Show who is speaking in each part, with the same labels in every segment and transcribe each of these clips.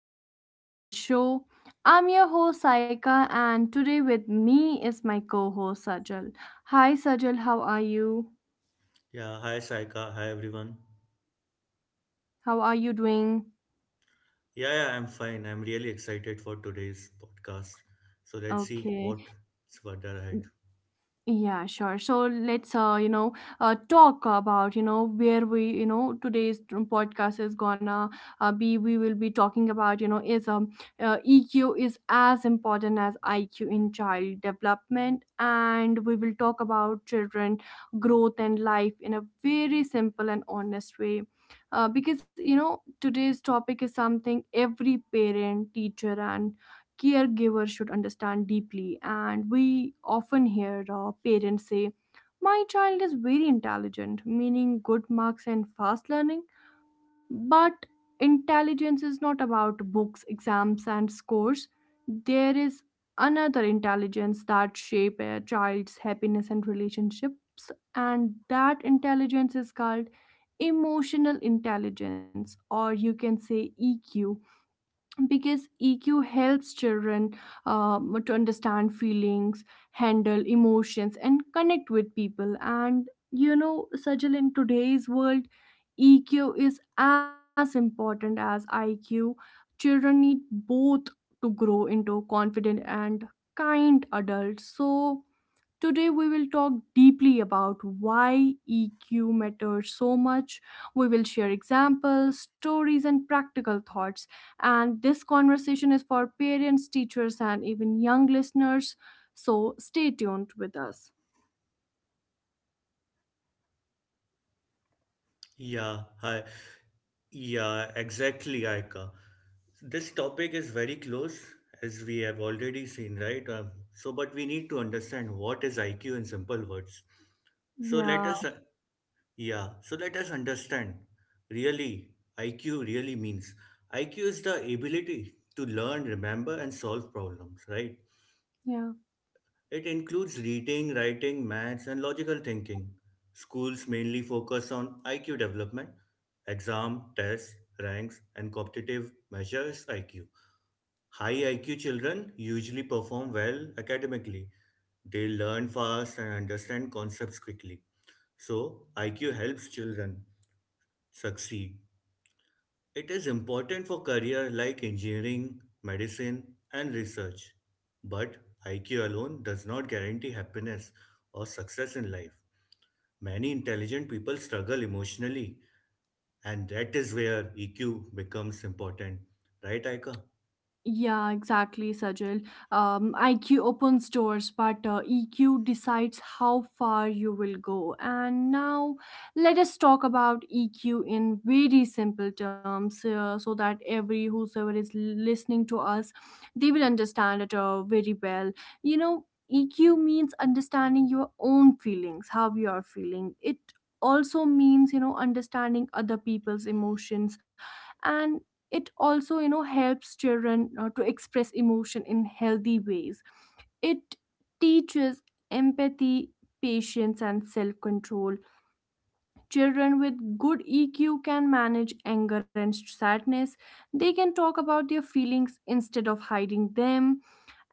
Speaker 1: Imperfect Progress Show. I'm your host, Saika, and today with me is my co host, Sajal. Hi, Sajal. How are you?
Speaker 2: Yeah, hi Saika, hi everyone.
Speaker 1: How are you doing?
Speaker 2: Yeah, I'm fine. I'm really excited for today's podcast. So let's see
Speaker 1: Okay.
Speaker 2: what's further ahead.
Speaker 1: Yeah, sure. So let's talk about where we today's podcast is gonna be. We will be talking about you know is EQ is as important as IQ in child development, and we will talk about children growth and life in a very simple and honest way. Because today's topic is something every parent, teacher, and caregivers should understand deeply. And we often hear parents say, my child is very intelligent, meaning good marks and fast learning. But intelligence is not about books, exams, and scores. There is another intelligence that shape a child's happiness and relationships, and that intelligence is called emotional intelligence, or you can say eq, because EQ helps children to understand feelings, handle emotions, and connect with people. And you know, Sajal, in today's world, EQ is as important as IQ. Children need both to grow into confident and kind adults. So, today, we will talk deeply about why EQ matters so much. We will share examples, stories, and practical thoughts. And this conversation is for parents, teachers, and even young listeners. So stay tuned with us.
Speaker 2: Yeah, hi. Yeah, exactly, Aika. This topic is very close as we have already seen, right? But we need to understand what is IQ in simple words. So, let
Speaker 1: Yeah,
Speaker 2: us Yeah, so let us understand. Really, IQ really means IQ is the ability to learn, remember, and solve problems, right?
Speaker 1: yeah.
Speaker 2: It includes reading, writing, maths, and logical thinking. Schools mainly focus on IQ development, exam, tests, ranks, and competitive measures IQ. High IQ children usually perform well academically. They learn fast and understand concepts quickly. So, IQ helps children succeed. It is important for career like engineering, medicine, and research. But IQ alone does not guarantee happiness or success in life. Many intelligent people struggle emotionally, and that is where EQ becomes important. Right, Aika?
Speaker 1: Yeah, exactly, Sajal. IQ opens doors, but EQ decides how far you will go. And now, let us talk about EQ in very simple terms, so that every whosoever is listening to us, they will understand it very well. You know, EQ means understanding your own feelings, how you are feeling. It also means understanding other people's emotions, and it also helps children to express emotion in healthy ways. It teaches empathy, patience, and self-control. Children with good eq can manage anger and sadness. They can talk about their feelings instead of hiding them.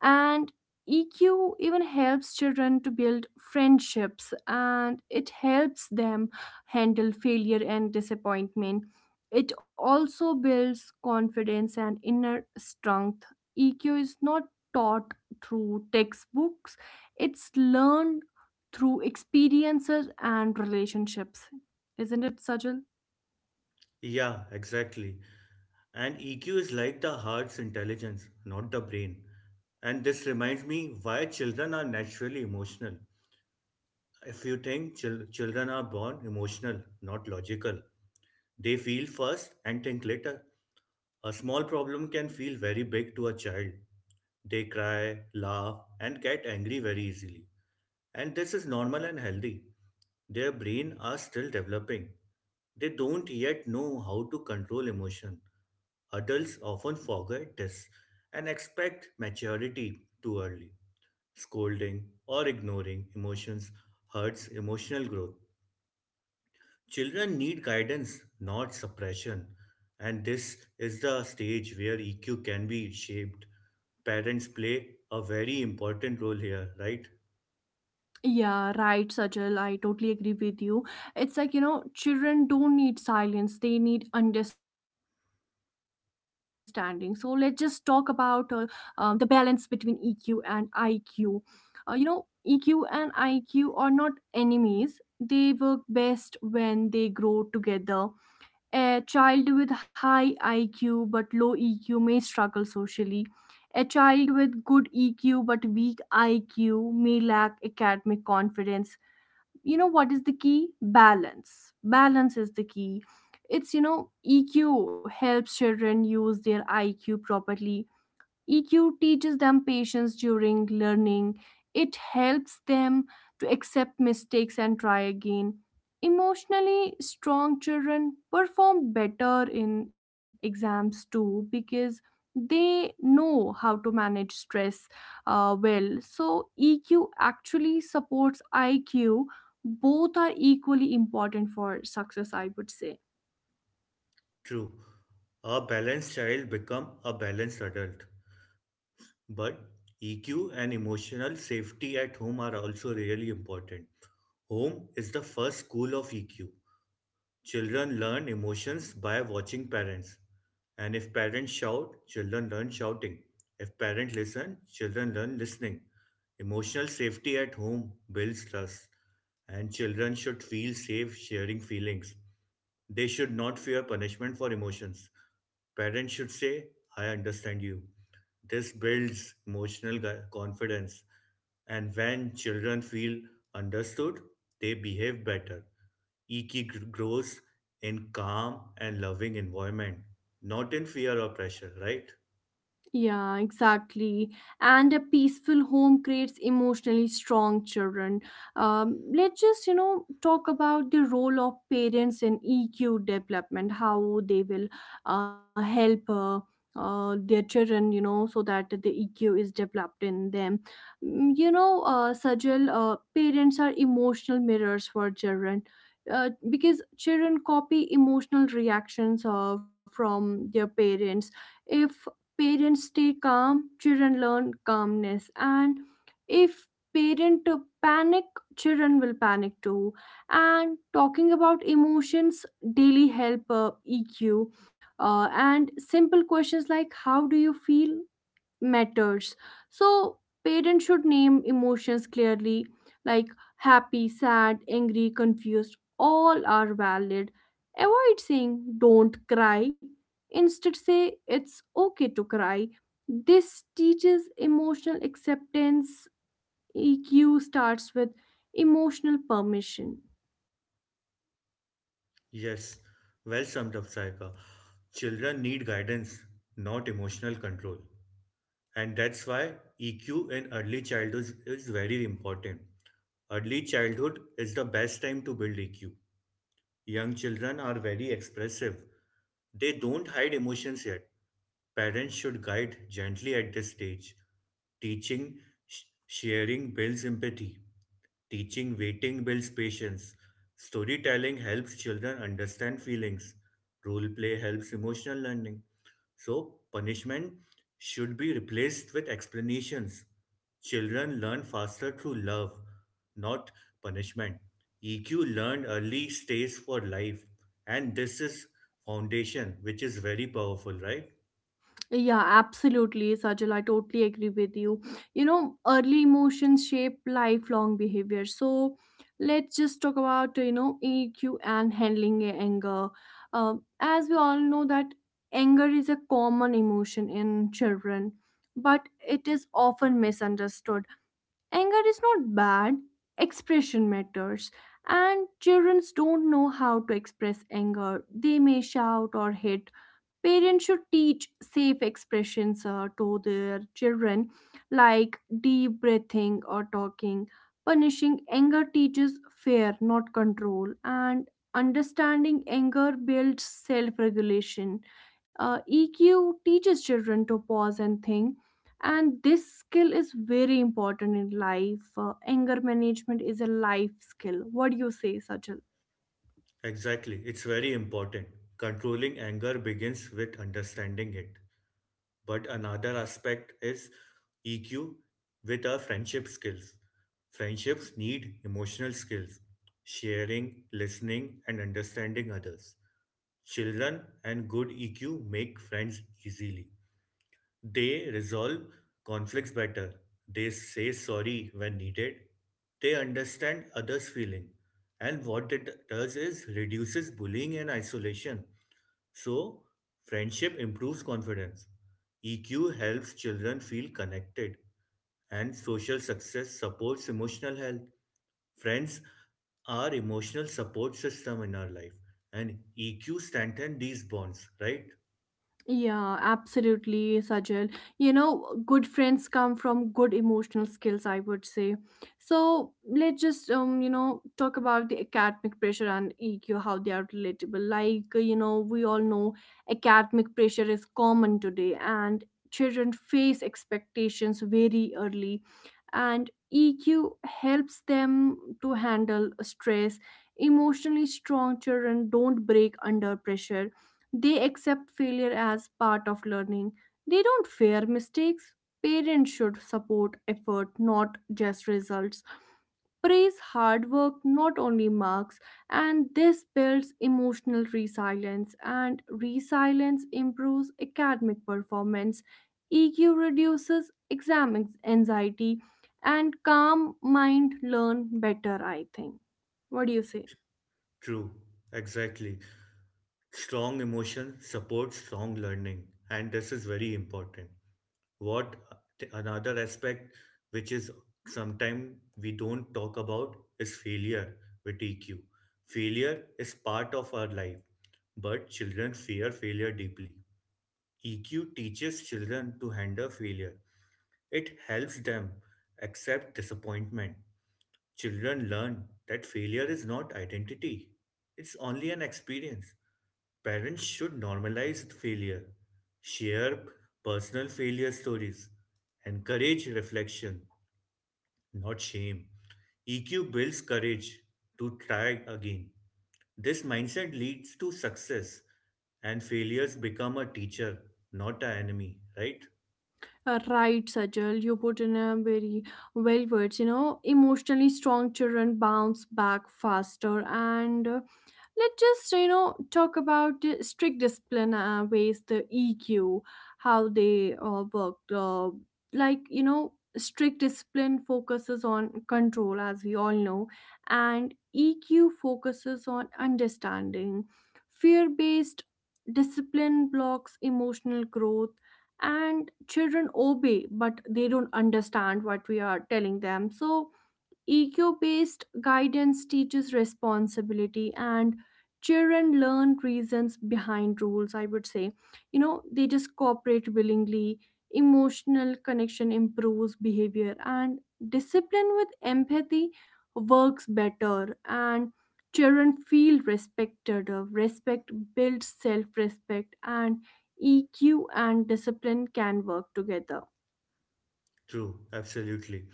Speaker 1: And EQ even helps children to build friendships, and it helps them handle failure and disappointment. It also builds confidence and inner strength. EQ is not taught through textbooks, it's learned through experiences and relationships. Isn't it, Sajal?
Speaker 2: Yeah, exactly. And EQ is like the heart's intelligence, not the brain. And this reminds me why children are naturally emotional. If you think children are born emotional, not logical, they feel first and think later. A small problem can feel very big to a child. They cry, laugh, and get angry very easily. And this is normal and healthy. Their brain are still developing. They don't yet know how to control emotion. Adults often forget this and expect maturity too early. Scolding or ignoring emotions hurts emotional growth. Children need guidance, not suppression, and this is the stage where EQ can be shaped. Parents play a very important role here, right?
Speaker 1: Yeah, right, Sajal. I totally agree with you. It's like, you know, children don't need silence, they need understanding. So let's just talk about the balance between EQ and IQ. Uh, you know, EQ and IQ are not enemies, they work best when they grow together. A child with high IQ but low EQ may struggle socially. A child with good EQ but weak IQ may lack academic confidence. You know what is the key? Balance. Balance is the key. It's, you know, EQ helps children use their IQ properly. EQ teaches them patience during learning. It helps them to accept mistakes and try again. Emotionally strong children perform better in exams too because they know how to manage stress well. So, EQ actually supports IQ. Both are equally important for success, I would say.
Speaker 2: True. A balanced child become a balanced adult, but EQ and emotional safety at home are also really important. Home is the first school of EQ. Children learn emotions by watching parents. And if parents shout, children learn shouting. If parents listen, children learn listening. Emotional safety at home builds trust. And children should feel safe sharing feelings. They should not fear punishment for emotions. Parents should say, I understand you. This builds confidence. And when children feel understood, they behave better. Grows in calm and loving environment, not in fear or pressure, right?
Speaker 1: Yeah, exactly. And a peaceful home creates emotionally strong children. Let's just, you know, talk about the role of parents in EQ development, how they will help their children, you know, so that the EQ is developed in them. You know, Sajal, parents are emotional mirrors for children. Because children copy emotional reactions from their parents. If parents stay calm, children learn calmness. And if parent panic, children will panic too. And talking about emotions daily help EQ. And simple questions like how do you feel matters. So, parents should name emotions clearly, like happy, sad, angry, confused, all are valid. Avoid saying don't cry. Instead, say it's okay to cry. This teaches emotional acceptance. EQ starts with emotional permission.
Speaker 2: Yes, well summed up, Saika. Children need guidance, not emotional control. And that's why EQ in early childhood is very important. Early childhood is the best time to build EQ. Young children are very expressive. They don't hide emotions yet. Parents should guide gently at this stage. Teaching sharing builds empathy. Teaching waiting builds patience. Storytelling helps children understand feelings. Role play helps emotional learning. So, punishment should be replaced with explanations. Children learn faster through love, not punishment. EQ learned early stays for life, and this is foundation, which is very powerful, right?
Speaker 1: Yeah, absolutely, Sajal. I totally agree with you. You know, early emotions shape lifelong behavior. So let's just talk about, you know, EQ and handling anger. As we all know that anger is a common emotion in children, but it is often misunderstood. Anger is not bad, expression matters. And children don't know how to express anger. They may shout or hit. Parents should teach safe expressions to their children, like deep breathing or talking. Punishing anger teaches fear, not control. And understanding anger builds self regulation. EQ teaches children to pause and think, and this skill is very important in life. Anger management is a life skill. What do you say, Sajal?
Speaker 2: Exactly, it's very important. Controlling anger begins with understanding it. But another aspect is EQ with our friendship skills. Friendships need emotional skills, sharing, listening, and understanding others. Children and good EQ make friends easily. They resolve conflicts better. They say sorry when needed. They understand others' feeling. And what it does is reduces bullying and isolation. So, friendship improves confidence. EQ helps children feel connected, and social success supports emotional health. Friends are emotional support system in our life, and EQ strengthens these bonds, right?
Speaker 1: Yeah, absolutely, Sajal. You know, good friends come from good emotional skills, I would say. So let's just talk about the academic pressure and EQ, how they are relatable. Like, you know, we all know academic pressure is common today, and children face expectations very early, and EQ helps them to handle stress. Emotionally strong children don't break under pressure. They accept failure as part of learning. They don't fear mistakes. Parents should support effort, not just results. Praise hard work, not only marks, and this builds emotional resilience, and resilience improves academic performance. EQ reduces anxiety, and calm mind learn better, I think. What do you say?
Speaker 2: True, exactly. Strong emotion supports strong learning, and this is very important. What another aspect, which is sometimes we don't talk about, is failure with EQ. Failure is part of our life, but children fear failure deeply. EQ teaches children to handle failure. It helps them accept disappointment. Children learn that failure is not identity, it's only an experience. Parents should normalize failure, share personal failure stories, encourage reflection, not shame. EQ builds courage to try again. This mindset leads to success, and failures become a teacher, not an enemy, right?
Speaker 1: Right, Sajal, you put in a very well words. You know, emotionally strong children bounce back faster, and let's just you know talk about the strict discipline ways the eq, how they worked like you know, strict discipline focuses on control, as we all know, and eq focuses on understanding. Fear based discipline blocks emotional growth, and children obey but they don't understand what we are telling them. So EQ based guidance teaches responsibility, and children learn reasons behind rules, I would say. You know, they just cooperate willingly, emotional connection improves behavior, and discipline with empathy works better. And children feel respected. Respect builds self respect, and EQ and discipline can work together.
Speaker 2: True, absolutely.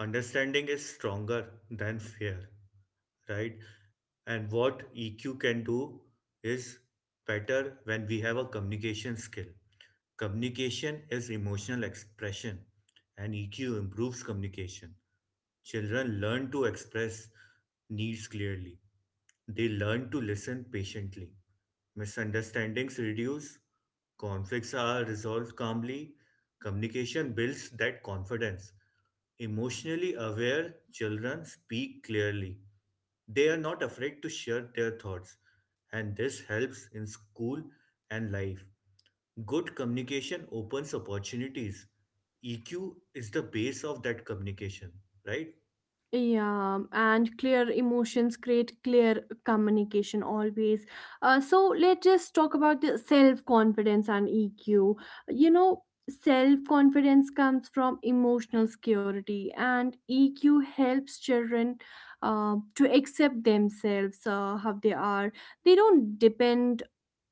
Speaker 2: Understanding is stronger than fear, right? And what EQ can do is better when we have a communication skill. Communication is emotional expression, and EQ improves communication. Children learn to express needs clearly. They learn to listen patiently. Misunderstandings reduce, conflicts are resolved calmly, communication builds that confidence. Emotionally aware children speak clearly. They are not afraid to share their thoughts, and this helps in school and life. Good communication opens opportunities. EQ is the base of that communication, right?
Speaker 1: Yeah, and clear emotions create clear communication always. So let's just talk about the self confidence and EQ. You know, self confidence comes from emotional security, and EQ helps children to accept themselves how they are. They don't depend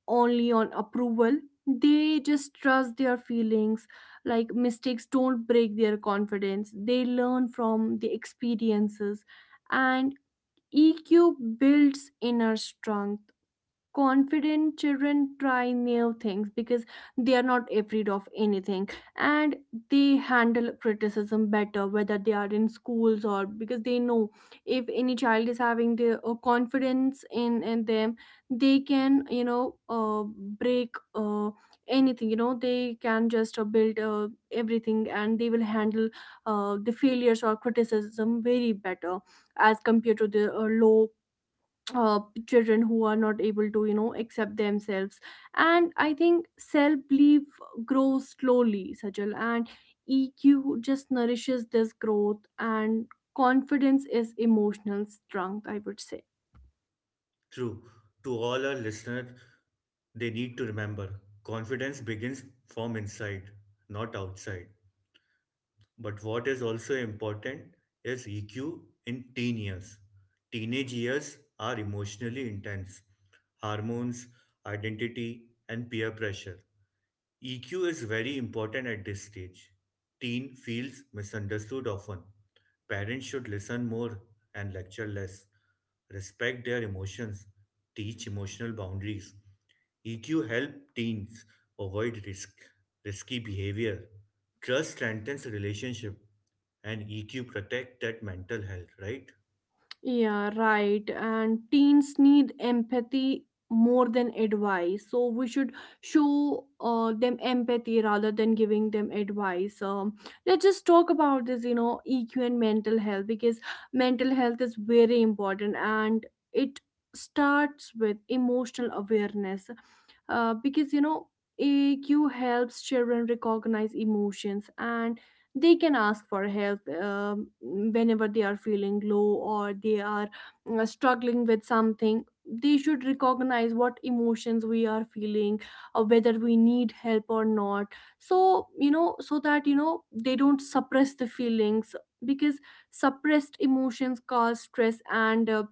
Speaker 1: only on approval, they just trust their feelings. Like, mistakes don't break their confidence, they learn from the experiences. And eq builds inner strength. Confident children try new things because they are not afraid of anything, and they handle criticism better, whether they are in schools, or because they know, if any child is having the confidence in them, they can break anything. You know, they can just build everything, and they will handle the failures or criticism very better as compared to the low uh, children who are not able to, you know, accept themselves. And I think self belief grows slowly, Sajal, and eq just nourishes this growth, and confidence is emotional strength, I would say.
Speaker 2: True. To all our listeners, they need to remember confidence begins from inside, not outside. But what is also important is EQ in teen years. Teenage years are emotionally intense. Hormones, identity, and peer pressure. EQ is very important at this stage. Teen feels misunderstood often. Parents should listen more and lecture less. Respect their emotions. Teach emotional boundaries. EQ help teens avoid risk, risky behavior. Trust strengthens relationship and EQ protect that mental health, right?
Speaker 1: Yeah, right. And teens need empathy more than advice. So we should show them empathy rather than giving them advice. Let's just talk about this, you know, EQ and mental health, because mental health is very important, and it starts with emotional awareness. Because you know AQ helps children recognize emotions, and they can ask for help whenever they are feeling low, or they are struggling with something. They should recognize what emotions we are feeling, or whether we need help or not. So that they don't suppress the feelings because suppressed emotions cause stress, and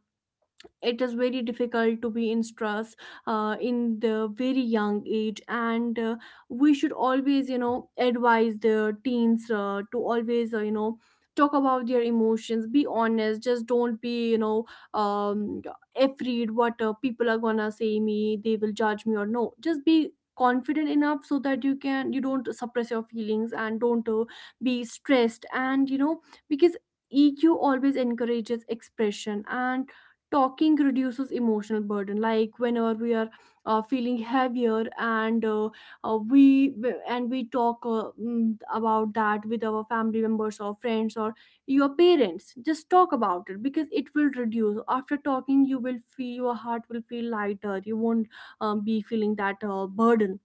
Speaker 1: it is very difficult to be in stress in the very young age. And we should always, you know, advise the teens to always, you know, talk about their emotions, be honest, just don't be, you know, um, afraid what people are gonna say me, they will judge me or no. Just be confident enough so that you can, you don't suppress your feelings and don't be stressed, and you know, because EQ always encourages expression. And talking reduces emotional burden. Like whenever we are feeling heavier, and uh, we we talk, about that with our family members or friends or your parents, just talk about it because it will reduce. After talking you will feel, your heart will feel lighter, you won't be feeling that burden.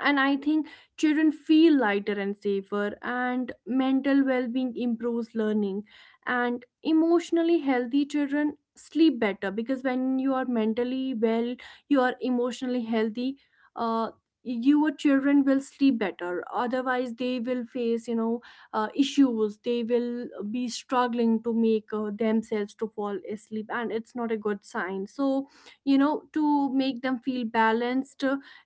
Speaker 1: And I think children feel lighter and safer, and mental well-being improves learning. And emotionally healthy children sleep better, because when you are mentally well, you are emotionally healthy, uh, your children will sleep better. Otherwise they will face, you know, issues, they will be struggling to make themselves to fall asleep, and it's not a good sign. So you know, to make them feel balanced,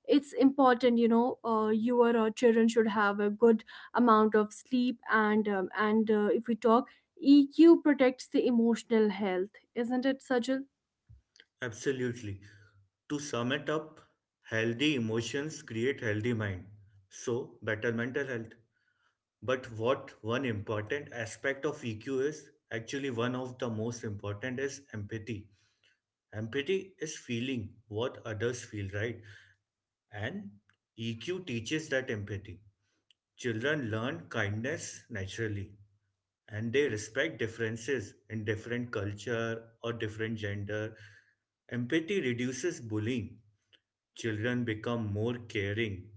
Speaker 1: it's important, you know, your children should have a good amount of sleep. And if we talk, EQ protects the emotional health, isn't it, Sajal?
Speaker 2: Absolutely. To sum it up, healthy emotions create healthy mind. So, better mental health. But what one important aspect of EQ is, actually one of the most important is empathy. Empathy is feeling what others feel, right? And EQ teaches that empathy. Children learn kindness naturally and they respect differences in different culture or different gender. Empathy reduces bullying. Children become more caring.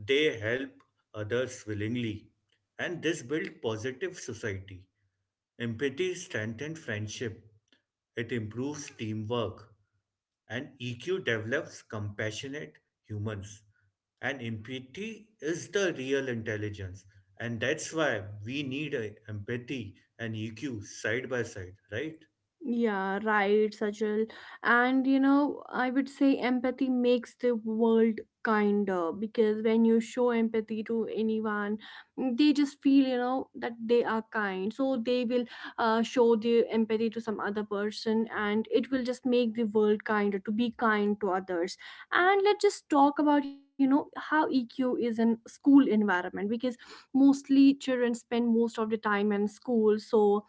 Speaker 2: They help others willingly, and this builds positive society. Empathy strengthens friendship. It improves teamwork, and EQ develops compassionate humans. And empathy is the real intelligence, and that's why we need a empathy and EQ side by side, right?
Speaker 1: Yeah, right, Sajal. And you know, I would say empathy makes the world kinder, because when you show empathy to anyone, they just feel, you know, that they are kind. So they will show their empathy to some other person, and it will just make the world kinder, to be kind to others. And let's just talk about, you know, how EQ is in school environment, because mostly children spend most of the time in school. So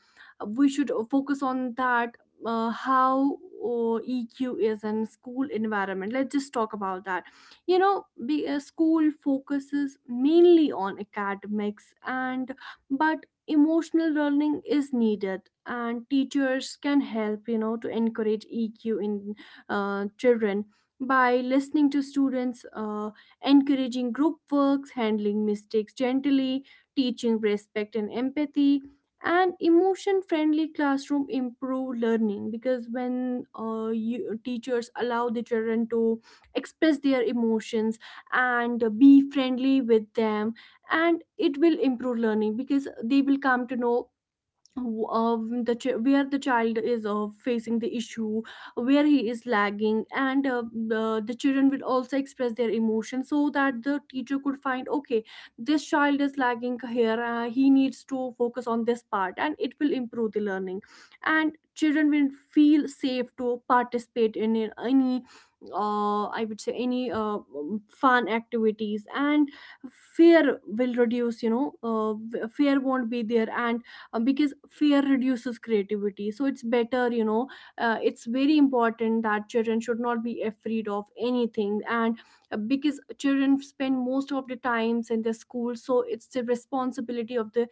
Speaker 1: we should focus on that, how EQ is in school environment. Let's just talk about that. You know, the school focuses mainly on academics, and but emotional learning is needed, and teachers can help, you know, to encourage EQ in children, by listening to students, encouraging group works, handling mistakes gently, teaching respect and empathy. And emotion friendly classroom improve learning, because when you, teachers allow the children to express their emotions and be friendly with them, and it will improve learning, because they will come to know the where the child is facing the issue, where he is lagging. And the children will also express their emotions, so that the teacher could find, okay, this child is lagging here, he needs to focus on this part, and it will improve the learning. And children will feel safe to participate in it- any I would say any fun activities, and fear will reduce, you know, fear won't be there. And because fear reduces creativity, so it's better, you know, it's very important that children should not be afraid of anything. And because children spend most of the times in the school, so it's the responsibility of the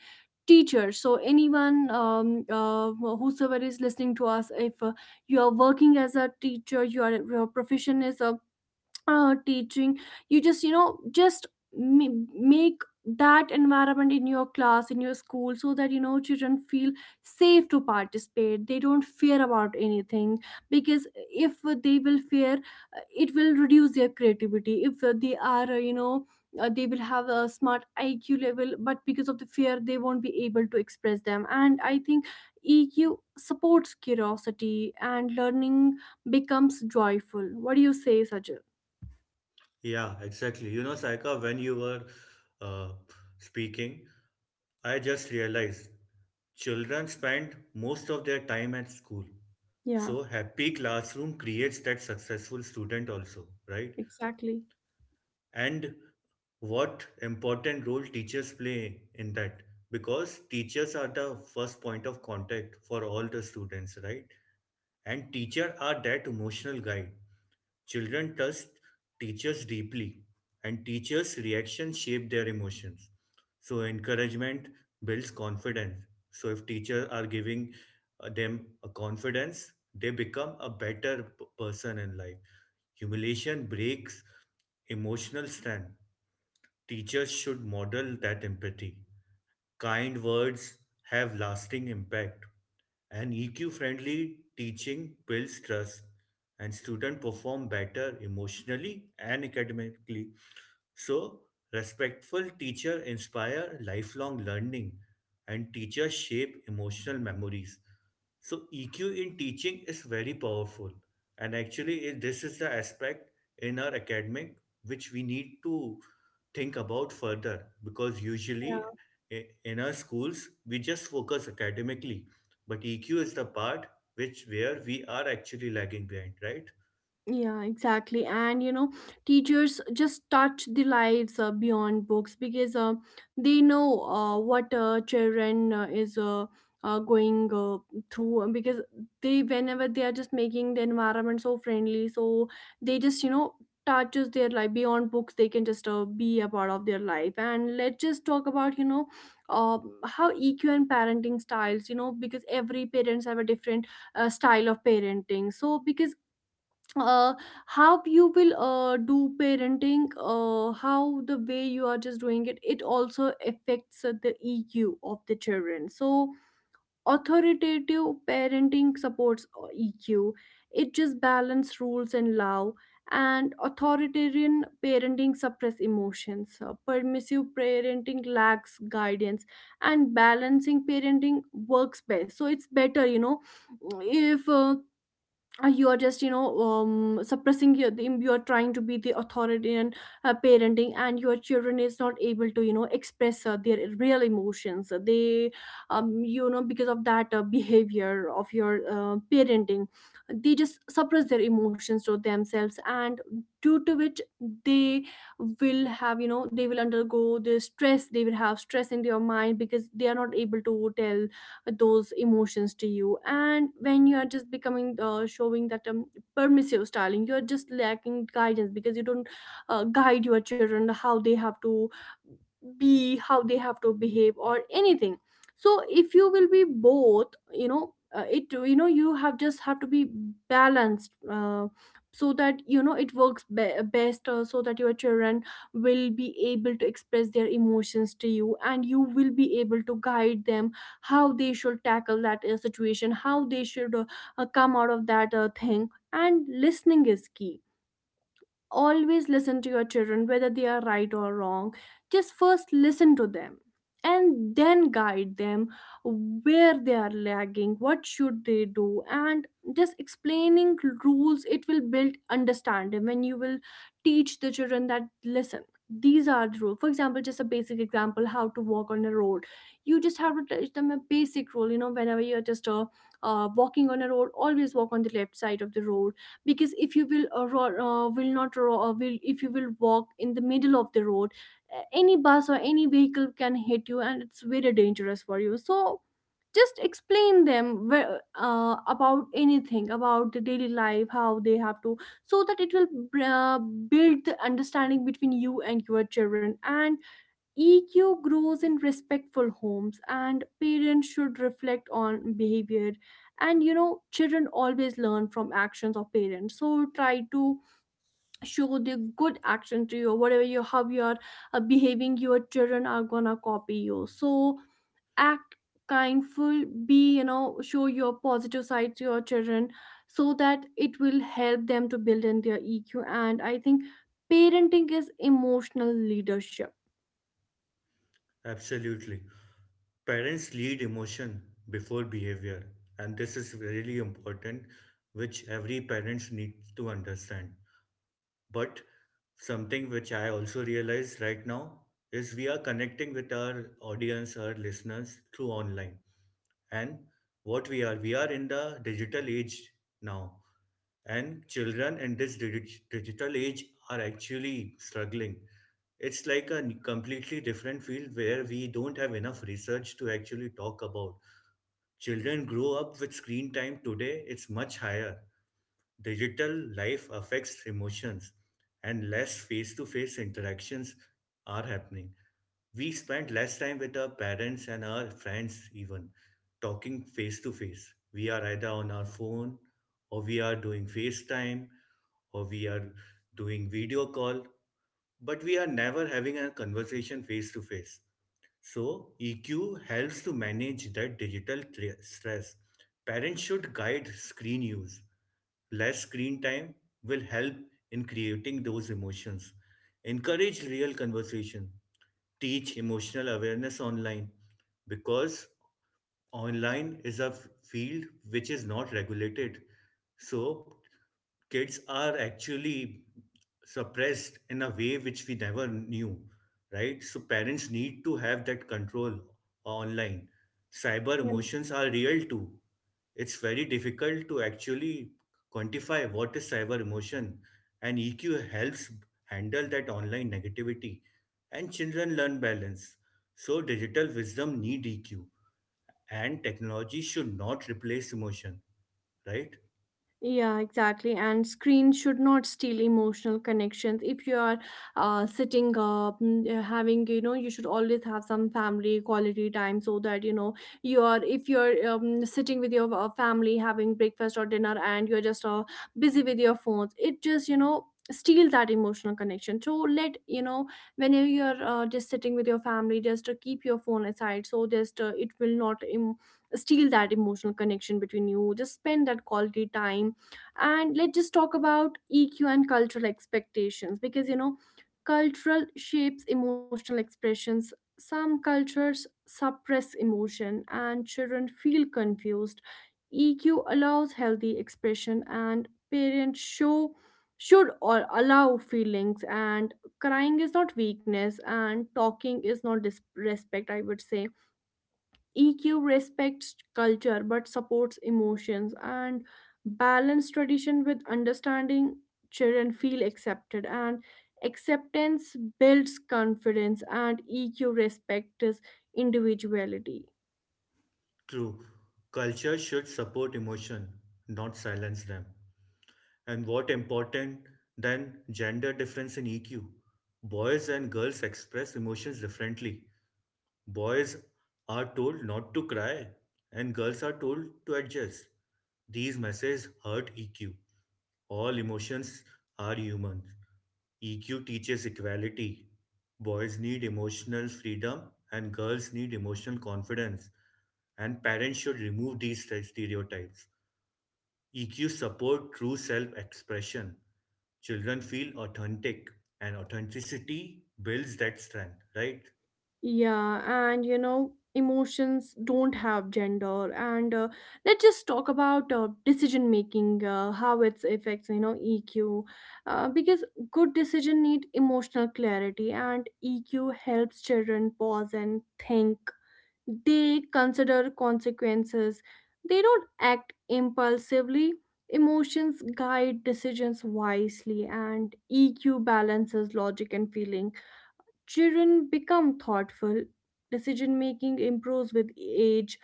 Speaker 1: teacher. So anyone, whosoever is listening to us, if you are working as a teacher, your profession is a teaching, you just, you know, just make that environment in your class, in your school, so that you know children feel safe to participate, they don't fear about anything. Because if they will fear, it will reduce their creativity. If they are, they will have a smart IQ level, but because of the fear they won't be able to express them. And I think EQ supports curiosity, and learning becomes joyful. What do you say, Sajid?
Speaker 2: Yeah, exactly. You know, Saika, when you were uh, speaking, I just realized children spend most of their time at school.
Speaker 1: Yeah,
Speaker 2: So happy classroom creates that successful student also, right?
Speaker 1: exactly.
Speaker 2: And what important role teachers play in that? Because teachers are the first point of contact for all the students, right? And teacher are that emotional guide. Children trust teachers deeply, and teachers' reactions shape their emotions. So, encouragement builds confidence. So, if teachers are giving them a confidence, they become a better person in life. Humiliation breaks emotional strength. Teachers should model that empathy. Kind words have lasting impact and EQ friendly teaching builds trust, and students perform better emotionally and academically. So, respectful teacher inspire lifelong learning and teachers shape emotional memories. So, EQ in teaching is very powerful. And actually, this is the aspect in our academic which we need to think about further because usually
Speaker 1: Yeah.
Speaker 2: in our schools we just focus academically, but EQ is the part which where we are actually lagging behind, right?
Speaker 1: Yeah, exactly. And you know, teachers just touch the lives beyond books, because they know what children is going through. And because they, whenever they are just making the environment so friendly, so they just, you know, touches their life beyond books. They can just be a part of their life. And let's just talk about, you know, uh, how EQ and parenting styles. You know, because every parents have a different style of parenting. So because, uh, how you will do parenting, how the way you are just doing it, it also affects the EQ of the children. So authoritative parenting supports EQ, it just balance rules and love. And authoritarian parenting suppress emotions. Permissive parenting lacks guidance, and balancing parenting works best. So it's better, you know, if you are just, you know, suppressing your, you are trying to be the authority and parenting, and your children is not able to, you know, express their real emotions, they you know, because of that behavior of your parenting, they just suppress their emotions to themselves. And due to which they will have, you know, they will undergo the stress, they will have stress in their mind, because they are not able to tell those emotions to you. And when you are just becoming, showing that permissive styling, you're just lacking guidance, because you don't guide your children, how they have to be, how they have to behave or anything. So if you will be both, you know, it, you have just have to be balanced, so that you know it works best, so that your children will be able to express their emotions to you, and you will be able to guide them how they should tackle that situation, how they should come out of that thing. And listening is key. Always listen to your children, whether they are right or wrong, just first listen to them, and then guide them where they are lagging, what should they do. And just explaining rules, it will build understanding. When you will teach the children that listen, these are the rules. For example, just a basic example, how to walk on a road, you just have to teach them a basic rule. You know, whenever you're just walking on a road, always walk on the left side of the road. Because if you will if you will walk in the middle of the road, any bus or any vehicle can hit you, and it's very dangerous for you. So just explain them where, about anything, about the daily life, how they have to, so that it will build the understanding between you and your children. And EQ grows in respectful homes, and parents should reflect on behavior. And you know, children always learn from actions of parents. So try to show the good action to you. Whatever you, how you are behaving, your children are gonna copy you. So act kindful, be, you know, show your positive side to your children, so that it will help them to build in their EQ. And I think parenting is emotional leadership.
Speaker 2: Absolutely. Parents lead emotion before behavior, and this is really important, which every parents needs to understand. But something which I also realize right now is we are connecting with our audience, our listeners through online. And we are in the digital age now, and children in this digital age are actually struggling. It's like a completely different field where we don't have enough research to actually talk about. Children grow up with screen time today, it's much higher. Digital life affects emotions, and less face to face interactions are happening. We spend less time with our parents and our friends, even talking face to face. We are either on our phone, or we are doing FaceTime, or we are doing video call, but we are never having a conversation face to face. So, EQ helps to manage that digital stress. Parents should guide screen use. Less screen time will help in creating those emotions. Encourage real conversation. Teach emotional awareness online because online is a field which is not regulated. So, kids are actually suppressed in a way which we never knew, right? So parents need to have that control online. Cyber emotions are real too. It's very difficult to actually quantify what is cyber emotion, and EQ helps handle that online negativity. And children learn balance. So digital wisdom need EQ, and technology should not replace emotion, right?
Speaker 1: Yeah, exactly. And screen should not steal emotional connections. If you are having, you know, you should always have some family quality time, so that, you know, you are, if you're sitting with your family having breakfast or dinner, and you're just busy with your phones, it just, you know, steal that emotional connection. So let you know, whenever you're just sitting with your family, just keep your phone aside, so just it will not steal that emotional connection between you, just spend that quality time. And let's just talk about EQ and cultural expectations, because you know, cultural shapes emotional expressions. Some cultures suppress emotion and children feel confused. EQ allows healthy expression, and parents show should or allow feelings. And crying is not weakness, and talking is not disrespect, I would say. EQ respects culture but supports emotions, and balance tradition with understanding. Children feel accepted, and acceptance builds confidence, and EQ respects individuality.
Speaker 2: True. Culture should support emotion, not silence them. And what important than gender difference in EQ? Boys and girls express emotions differently. Boys are told not to cry, and girls are told to adjust. These messages hurt EQ. All emotions are human. EQ teaches equality. Boys need emotional freedom, and girls need emotional confidence. And parents should remove these stereotypes. EQ support true self-expression. Children feel authentic and authenticity builds that strength, right?
Speaker 1: Yeah, and you know, emotions don't have gender. And let's just talk about decision making, how it affects, you know, EQ. Because good decision need emotional clarity, and EQ helps children pause and think. They consider consequences, they don't act impulsively. Emotions guide decisions wisely, and EQ balances logic and feeling. Children become thoughtful, decision making improves with age,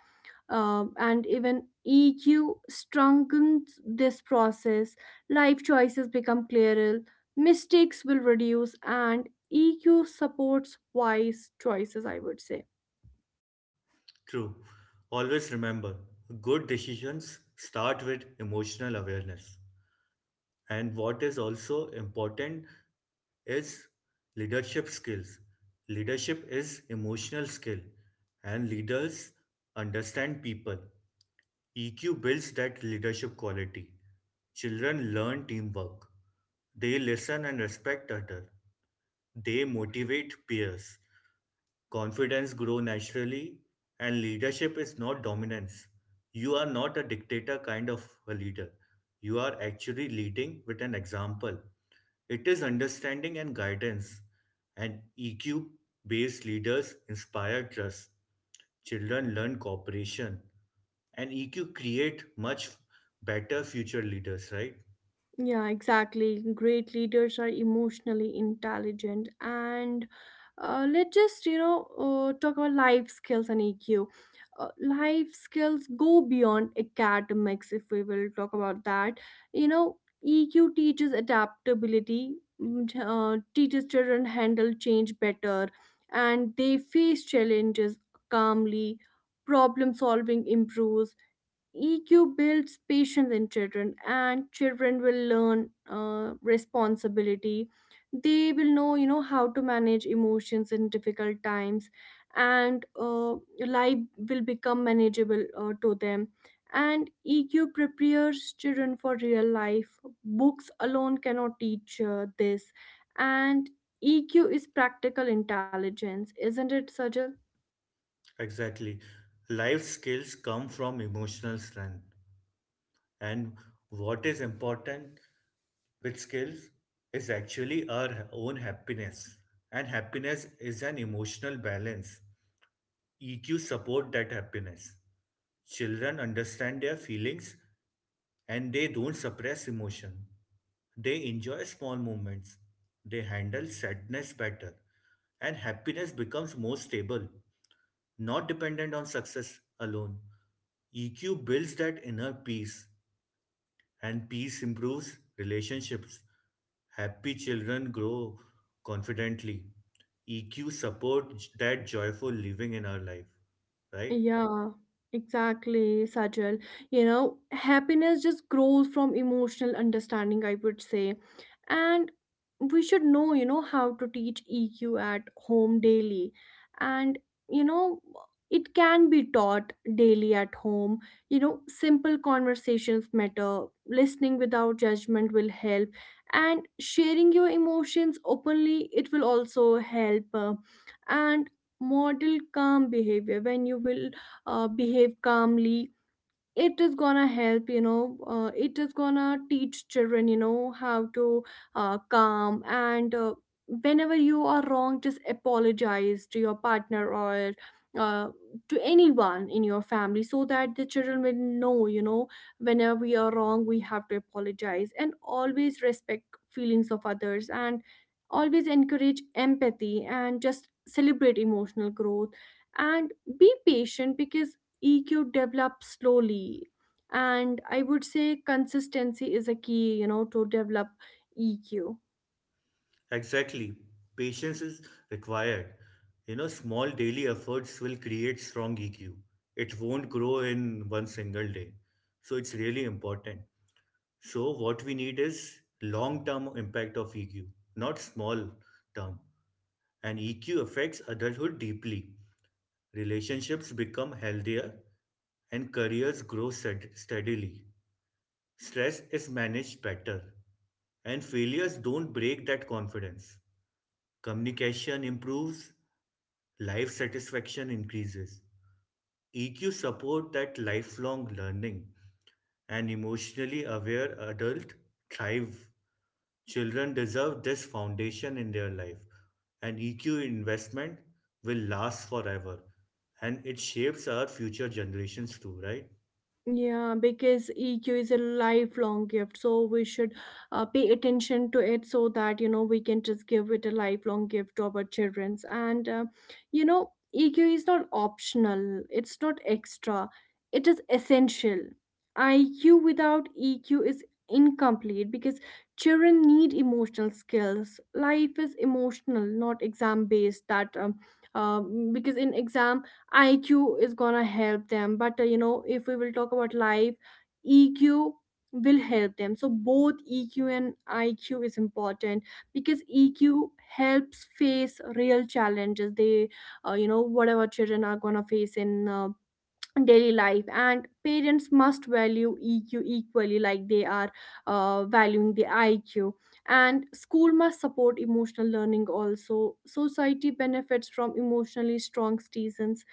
Speaker 1: and even EQ strengthens this process. Life choices become clearer, mistakes will reduce, and EQ supports wise choices, I would say.
Speaker 2: True. Always remember, good decisions start with emotional awareness. And what is also important is leadership skills. Leadership is emotional skill and leaders understand people. EQ builds that leadership quality. Children learn teamwork. They listen and respect others. They motivate peers. Confidence grows naturally, and leadership is not dominance. You are not a dictator kind of a leader. You are actually leading with an example. It is understanding and guidance, and EQ based leaders inspire trust. Children learn cooperation and EQ create much better future leaders, right?
Speaker 1: Yeah, exactly. Great leaders are emotionally intelligent. And let's just, you know, talk about life skills and EQ. Life skills go beyond academics, if we will talk about that. You know, EQ teaches adaptability, teaches children handle change better, and they face challenges calmly. Problem solving improves, EQ builds patience in children, and children will learn responsibility. They will know, you know, how to manage emotions in difficult times, and life will become manageable to them. And EQ prepares children for real life. Books alone cannot teach this, and EQ is practical intelligence, isn't it, Sajal?
Speaker 2: Exactly. Life skills come from emotional strength. And what is important with skills is actually our own happiness. And happiness is an emotional balance. EQ support that happiness. Children understand their feelings and they don't suppress emotion. They enjoy small moments. They handle sadness better. And happiness becomes more stable, not dependent on success alone. EQ builds that inner peace, and peace improves relationships. Happy children grow confidently. EQ supports that joyful living in our life, right?
Speaker 1: Yeah, exactly, Sajal. You know, happiness just grows from emotional understanding, I would say. And we should know, you know, how to teach EQ at home daily. And, you know, it can be taught daily at home. You know, simple conversations matter, listening without judgment will help, and sharing your emotions openly, it will also help. And model calm behavior. When you will behave calmly, it is gonna help, you know, it is gonna teach children, you know, how to calm. And whenever you are wrong, just apologize to your partner or uh, to anyone in your family, so that the children will know, you know, whenever we are wrong we have to apologize. And always respect feelings of others, and always encourage empathy, and just celebrate emotional growth. And be patient, because EQ develops slowly. And I would say consistency is a key, you know, to develop EQ.
Speaker 2: Exactly. Patience is required. You know, small daily efforts will create strong EQ. It won't grow in one single day. So it's really important. So what we need is long-term impact of EQ, not small term. And EQ affects adulthood deeply. Relationships become healthier and careers grow steadily. Stress is managed better and failures don't break that confidence. Communication improves, life satisfaction increases. EQ support that lifelong learning. And emotionally aware adult thrive. Children deserve this foundation in their life. An EQ investment will last forever and it shapes our future generations too, right?
Speaker 1: Yeah, because EQ is a lifelong gift, so we should pay attention to it, so that you know we can just give it a lifelong gift to our childrens. And you know, EQ is not optional, it's not extra, it is essential. IQ without EQ is incomplete, because children need emotional skills. Life is emotional, not exam based. That uh, because in exam IQ is gonna help them. But you know, if we will talk about life, EQ will help them. So both EQ and IQ is important, because EQ helps face real challenges. They, you know, whatever children are gonna face in daily life. And parents must value EQ equally, like they are valuing the IQ. And school must support emotional learning. Also society benefits from emotionally strong citizens,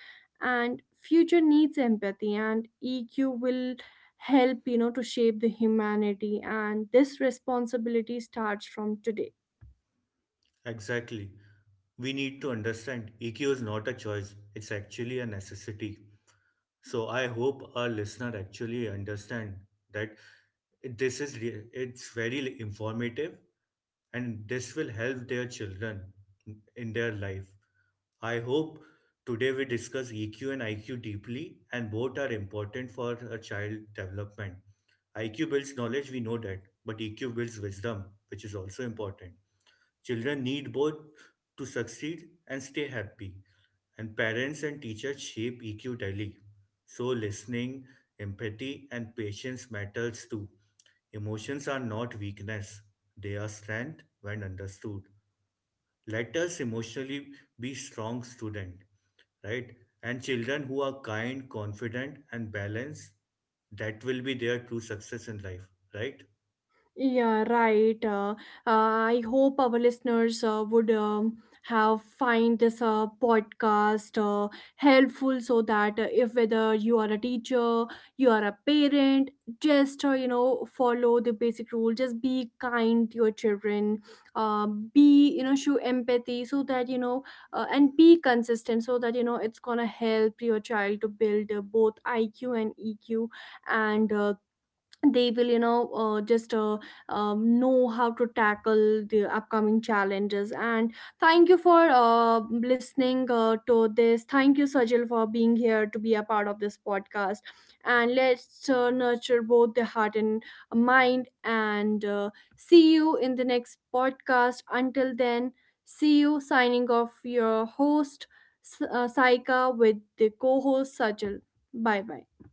Speaker 1: and future needs empathy, and EQ will help, you know, to shape the humanity. And this responsibility starts from today.
Speaker 2: Exactly. We need to understand EQ is not a choice, it's actually a necessity. So I hope our listener actually understand that this is re- it's very informative and this will help their children in their life. I hope today we discuss EQ and IQ deeply and both are important for a child development. IQ builds knowledge we know that, but EQ builds wisdom which is also important. Children need both to succeed and stay happy, and parents and teachers shape EQ daily. So listening, empathy and patience matters too. Emotions are not weakness, they are strength when understood. Let us emotionally be strong student, right? And children who are kind, confident and balanced, that will be their true success in life, right?
Speaker 1: Yeah, right. I hope our listeners would have find this podcast helpful, so that if whether you are a teacher, you are a parent, just you know, follow the basic rule. Just be kind to your children. Uh, be, you know, show empathy, so that you know, and be consistent, so that you know it's gonna help your child to build both IQ and EQ. And they will, you know, just know how to tackle the upcoming challenges. And thank you for listening to this. Thank you, Sajil, for being here to be a part of this podcast. And let's nurture both the heart and mind. And see you in the next podcast. Until then, see you, signing off, your host, Saika, with the co-host Sajil. Bye bye.